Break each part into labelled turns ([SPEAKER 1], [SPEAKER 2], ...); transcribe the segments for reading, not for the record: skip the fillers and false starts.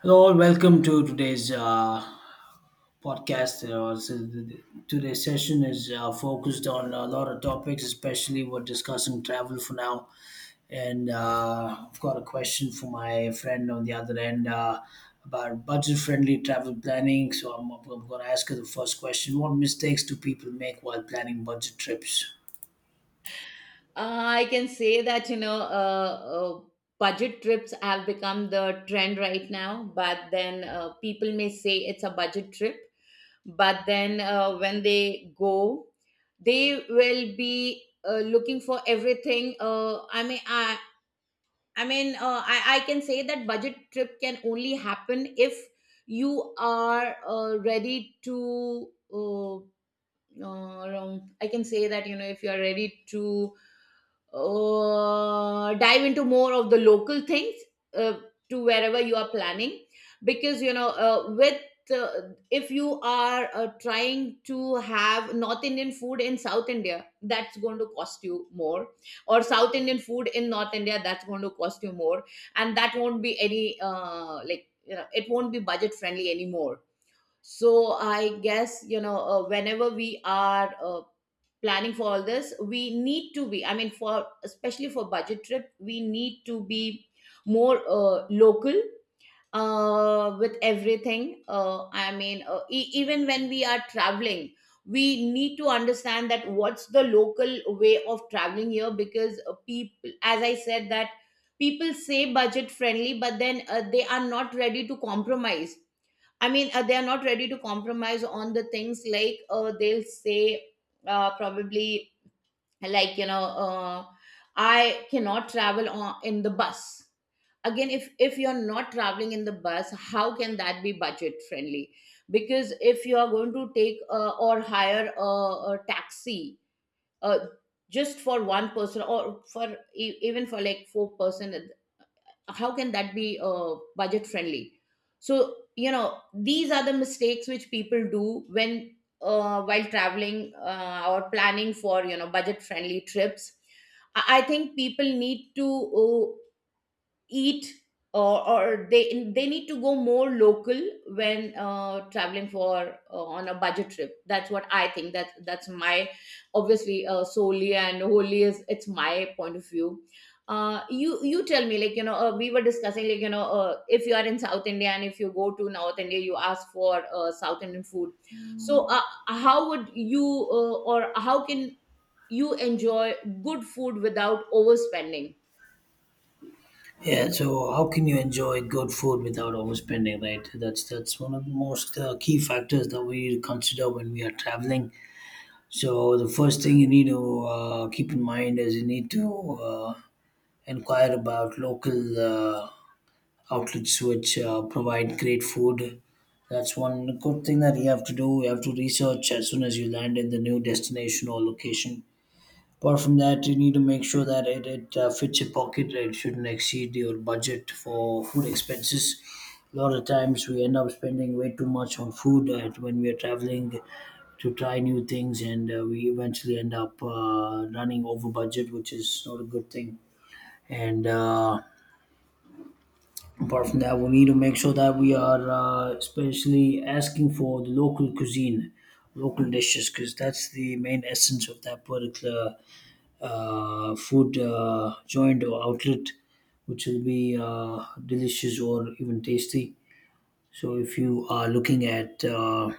[SPEAKER 1] Hello and welcome to today's podcast. Today's session is focused on a lot of topics, especially we're discussing travel for now. And I've got a question for my friend on the other end about budget-friendly travel planning. So I'm going to ask her the first question: what mistakes do people make while planning budget trips?
[SPEAKER 2] I can say that, you know, budget trips have become the trend right now, but then people may say it's a budget trip, but then when they go, they will be looking for everything. I mean, I can say that budget trip can only happen if you are ready to. Around I can say that you know if you are ready to dive into more of the local things uh, to wherever you are planning because you know with if you are trying to have north indian food in south india, that's going to cost you more, or south indian food in north india, that's going to cost you more, and that won't be any like you know it won't be budget friendly anymore. So I guess you know whenever we are planning for all this we need to be, I mean, for especially for budget trip, we need to be more local with everything. I mean, even when we are traveling we need to understand that what's the local way of traveling here, because people, as I said, that people say budget friendly but then they are not ready to compromise. I mean, they are not ready to compromise on the things. Like they'll say, probably, like, you know, I cannot travel on, in the bus. Again, if you're not traveling in the bus, how can that be budget friendly? Because if you are going to take or hire a taxi uh, just for one person or for even for like four-person, how can that be budget friendly? So you know these are the mistakes which people do when while traveling or planning for you know budget friendly trips. I think people need to uh, eat or, or they need to go more local when traveling for on a budget trip. That's what I think, that's my, obviously solely and wholly, is it's my point of view. You tell me, like, you know, we were discussing like, you know, if you are in south india and if you go to north india, you ask for south indian food, so how would you or how can you enjoy good food without overspending?
[SPEAKER 1] Yeah, so how can you enjoy good food without overspending, right? That's one of the most key factors that we consider when we are traveling. So the first thing you need to keep in mind is you need to inquire about local outlets which provide great food. That's one good thing that you have to do. You have to research as soon as you land in the new destination or location. Apart from that, you need to make sure that it fits your pocket. It shouldn't exceed your budget for food expenses. A lot of times we end up spending way too much on food when we are traveling to try new things, and we eventually end up running over budget, which is not a good thing. And Apart from that, we need to make sure that we are especially asking for the local cuisine, local dishes, because that's the main essence of that particular food joint or outlet which will be delicious or even tasty. So if you are looking at you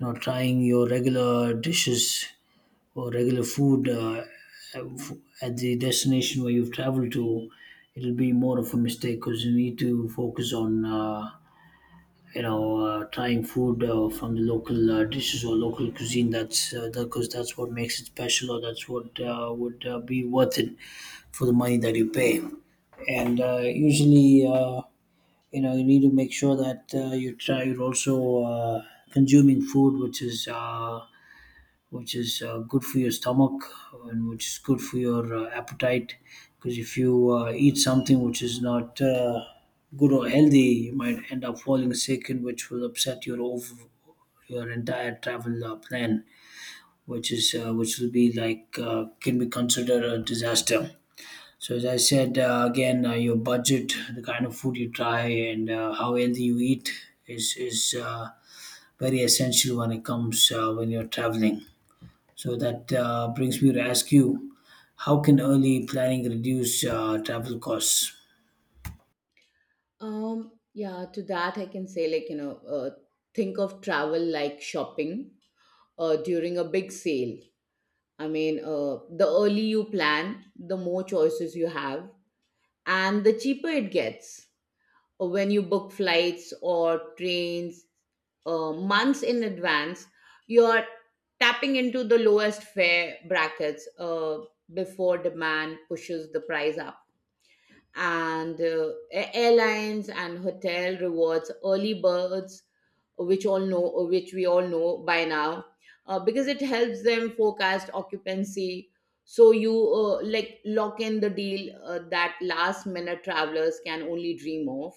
[SPEAKER 1] know trying your regular dishes or regular food at the destination where you've traveled to, it'll be more of a mistake because you need to focus on trying food from the local dishes or local cuisine. That's because 'cause that's what makes it special, or that's what would be worth it for the money that you pay. And uh, usually, uh, you know, you need to make sure that you try. You're also uh, consuming food which is good for your stomach and which is good for your appetite. Because if you eat something which is not good or healthy, you might end up falling sick, and which will upset your entire travel plan, which is which will be like can be considered a disaster. So as I said again, your budget, the kind of food you try, and how healthy you eat is very essential when it comes when you're traveling. So that brings me to ask you, how can early planning reduce travel costs?
[SPEAKER 2] Yeah, to that I can say, like, you know, think of travel like shopping during a big sale. I mean, the early you plan, the more choices you have, and the cheaper it gets. When you book flights or trains months in advance, you're tapping into the lowest fare brackets before demand pushes the price up. And airlines and hotel rewards early birds, which all know, or which we all know by now, because it helps them forecast occupancy. So you like lock in the deal that last minute travelers can only dream of.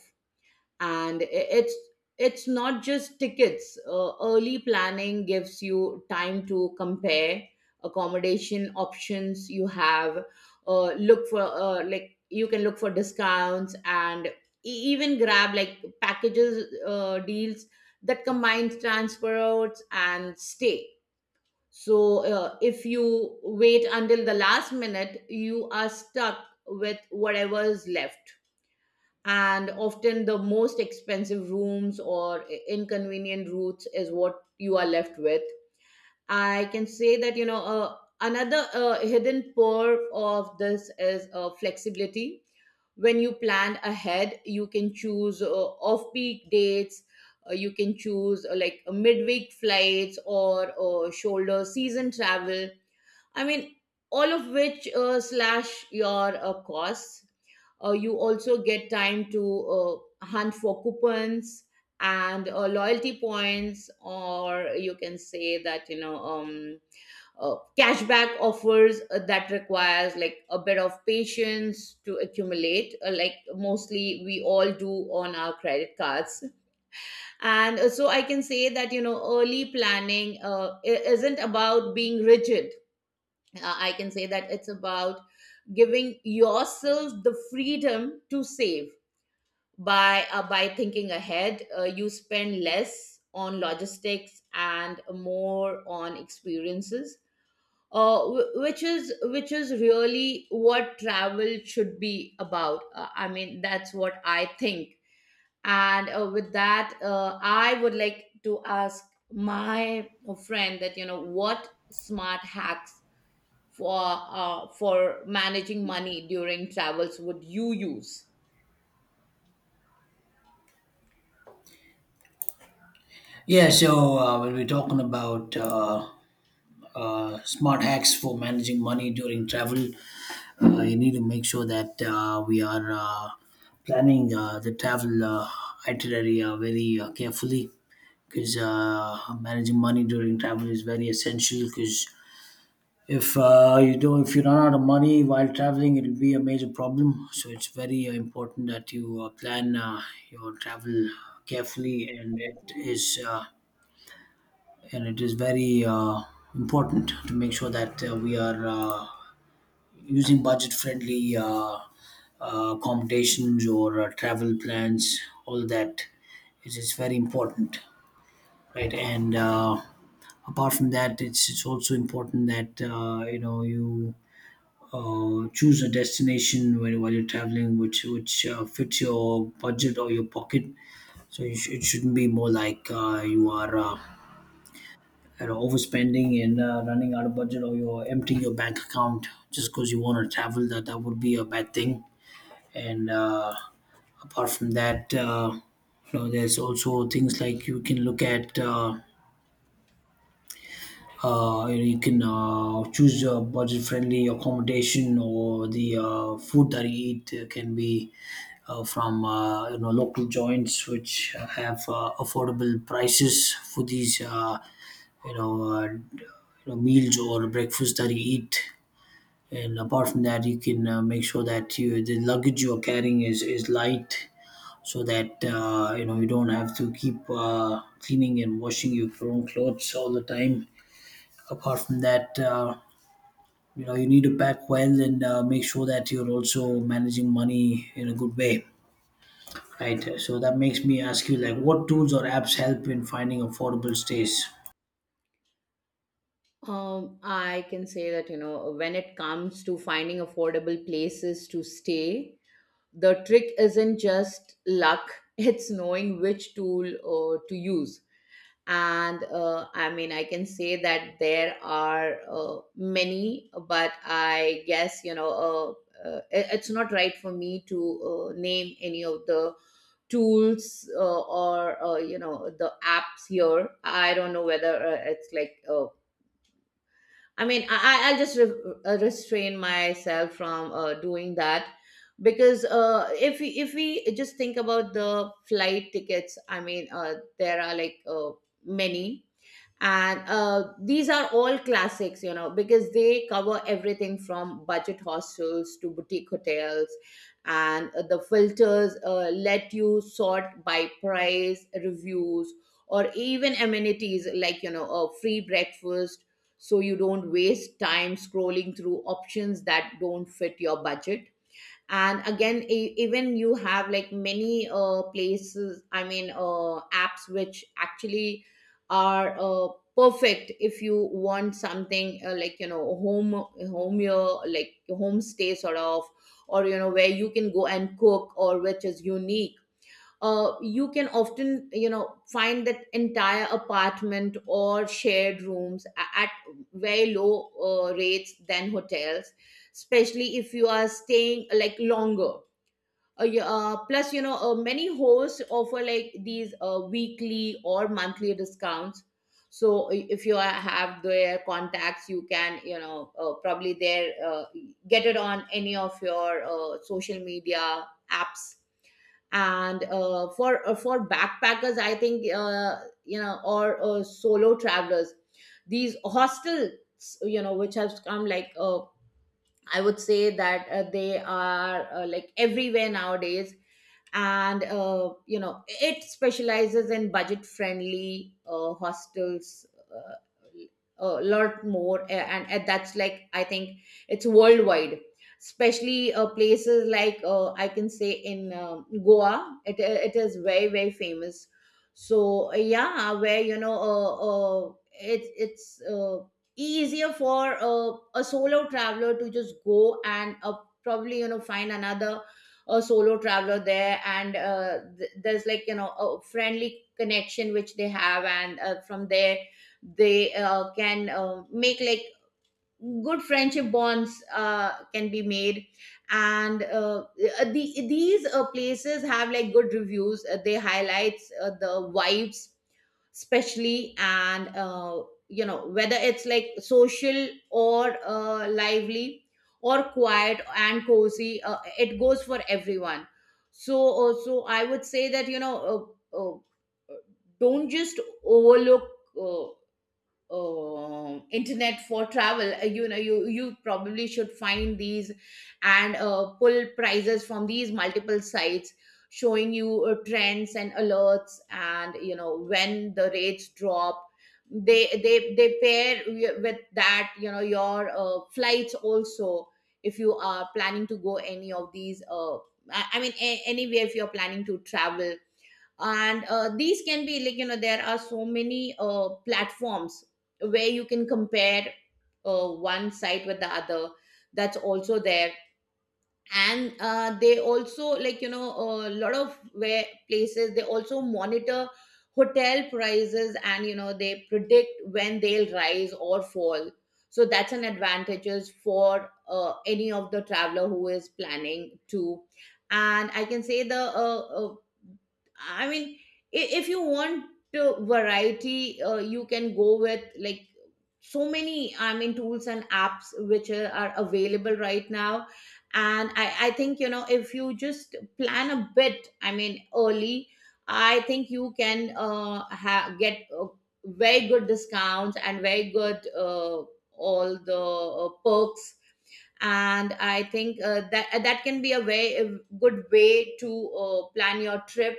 [SPEAKER 2] And it's not just tickets. Early planning gives you time to compare accommodation options you have. Look for like you can look for discounts and even grab like packages deals that combines transports and stay. So if you wait until the last minute you are stuck with whatever is left, and often the most expensive rooms or inconvenient routes is what you are left with. I can say that you know another hidden perk of this is flexibility. When you plan ahead you can choose off-peak dates, you can choose like midweek flights or shoulder season travel. I mean, all of which slash your costs. You also get time to hunt for coupons and loyalty points, or you can say that you know cashback offers that requires like a bit of patience to accumulate. Like mostly we all do on our credit cards. And so I can say that, you know, early planning isn't about being rigid. I can say that it's about giving yourself the freedom to save by thinking ahead. You spend less on logistics and more on experiences, which is really what travel should be about. I mean, that's what I think. And with that, I would like to ask my friend that you know what smart hacks for for managing money during travels would you use?
[SPEAKER 1] Yeah, so when we're talking about smart hacks for managing money during travel, you need to make sure that we are planning the travel itinerary very carefully because managing money during travel is very essential because if you don't, if you run out of money while traveling, it will be a major problem. So it's very important that you plan your travel carefully, and it is very important to make sure that we are using budget-friendly accommodations or travel plans. All that is very important, right? And apart from that, it's also important that you know you choose a destination while you're traveling which fits your budget or your pocket. So it shouldn't be more like you know, overspending and running out of budget, or you're emptying your bank account just because you want to travel. That would be a bad thing. And apart from that You know, there's also things like you can look at you can choose a budget-friendly accommodation, or the food that you eat can be from you know local joints which have affordable prices for these you know, meals or breakfast that you eat. And apart from that, you can make sure that you the luggage you are carrying is light, so that you know you don't have to keep cleaning and washing your own clothes all the time. Apart from that, you know, you need to pack well and make sure that you're also managing money in a good way, right? So that makes me ask you, like, what tools or apps help in finding affordable stays?
[SPEAKER 2] I can say that, you know, when it comes to finding affordable places to stay, the trick isn't just luck, it's knowing which tool to use. And I mean, I can say that there are many, but I guess, you know, it's not right for me to name any of the tools or you know the apps here. I don't know whether it's like I mean I'll just restrain myself from doing that. Because if we just think about the flight tickets, I mean there are like many, and these are all classics, you know, because they cover everything from budget hostels to boutique hotels. And the filters let you sort by price, reviews, or even amenities like you know a free breakfast, so you don't waste time scrolling through options that don't fit your budget. And again even you have like many places, I mean apps which actually are perfect if you want something like you know home, your like home stay sort of, or you know where you can go and cook or which is unique. You can often you know find that entire apartment or shared rooms at very low rates than hotels, especially if you are staying like longer. Yeah, plus you know many hosts offer like these weekly or monthly discounts. So if you are, have their contacts you can you know probably there get it on any of your social media apps. And for backpackers I think you know or solo travelers, these hostels, you know, which has come like I would say that they are like everywhere nowadays. And you know it specializes in budget friendly hostels uh, a lot more. And that's like I think it's worldwide, especially places like I can say in goa, it is very very famous. So yeah, where you know it's easier for a solo traveler to just go and probably you know find another a solo traveler there. And there's like you know a friendly connection which they have, and from there they can make like good friendship bonds can be made. And these places have like good reviews. They highlights the vibes especially, and you know whether it's like social or lively or quiet and cozy, it goes for everyone. So so I would say that you know don't just overlook uh, internet for travel. You know you probably should find these and pull prices from these multiple sites, showing you trends and alerts and you know when the rates drop. They pair with that you know your flights also if you are planning to go any of these. I mean anywhere if you're planning to travel. And these can be like you know there are so many platforms where you can compare one site with the other. That's also there. And they also like you know a lot of where places they also monitor hotel prices, and you know they predict when they'll rise or fall. So that's an advantages for any of the traveler who is planning to. And I can say the I mean, if you want variety, you can go with like so many, I mean, tools and apps which are available right now. And I think you know if you just plan a bit, I mean early, I think you can get very good discounts and very good all the perks. And I think that can be a very good way to plan your trip.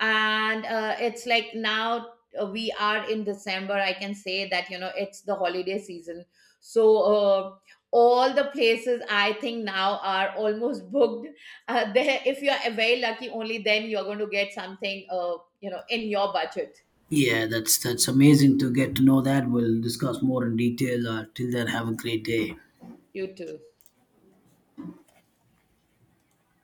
[SPEAKER 2] And it's like now we are in december. I can say that you know it's the holiday season, so all the places I think now are almost booked. There if you are very lucky only then you're going to get something you know in your budget.
[SPEAKER 1] Yeah, that's amazing to get to know that. We'll discuss more in detail. Till then, have a great day.
[SPEAKER 2] You too.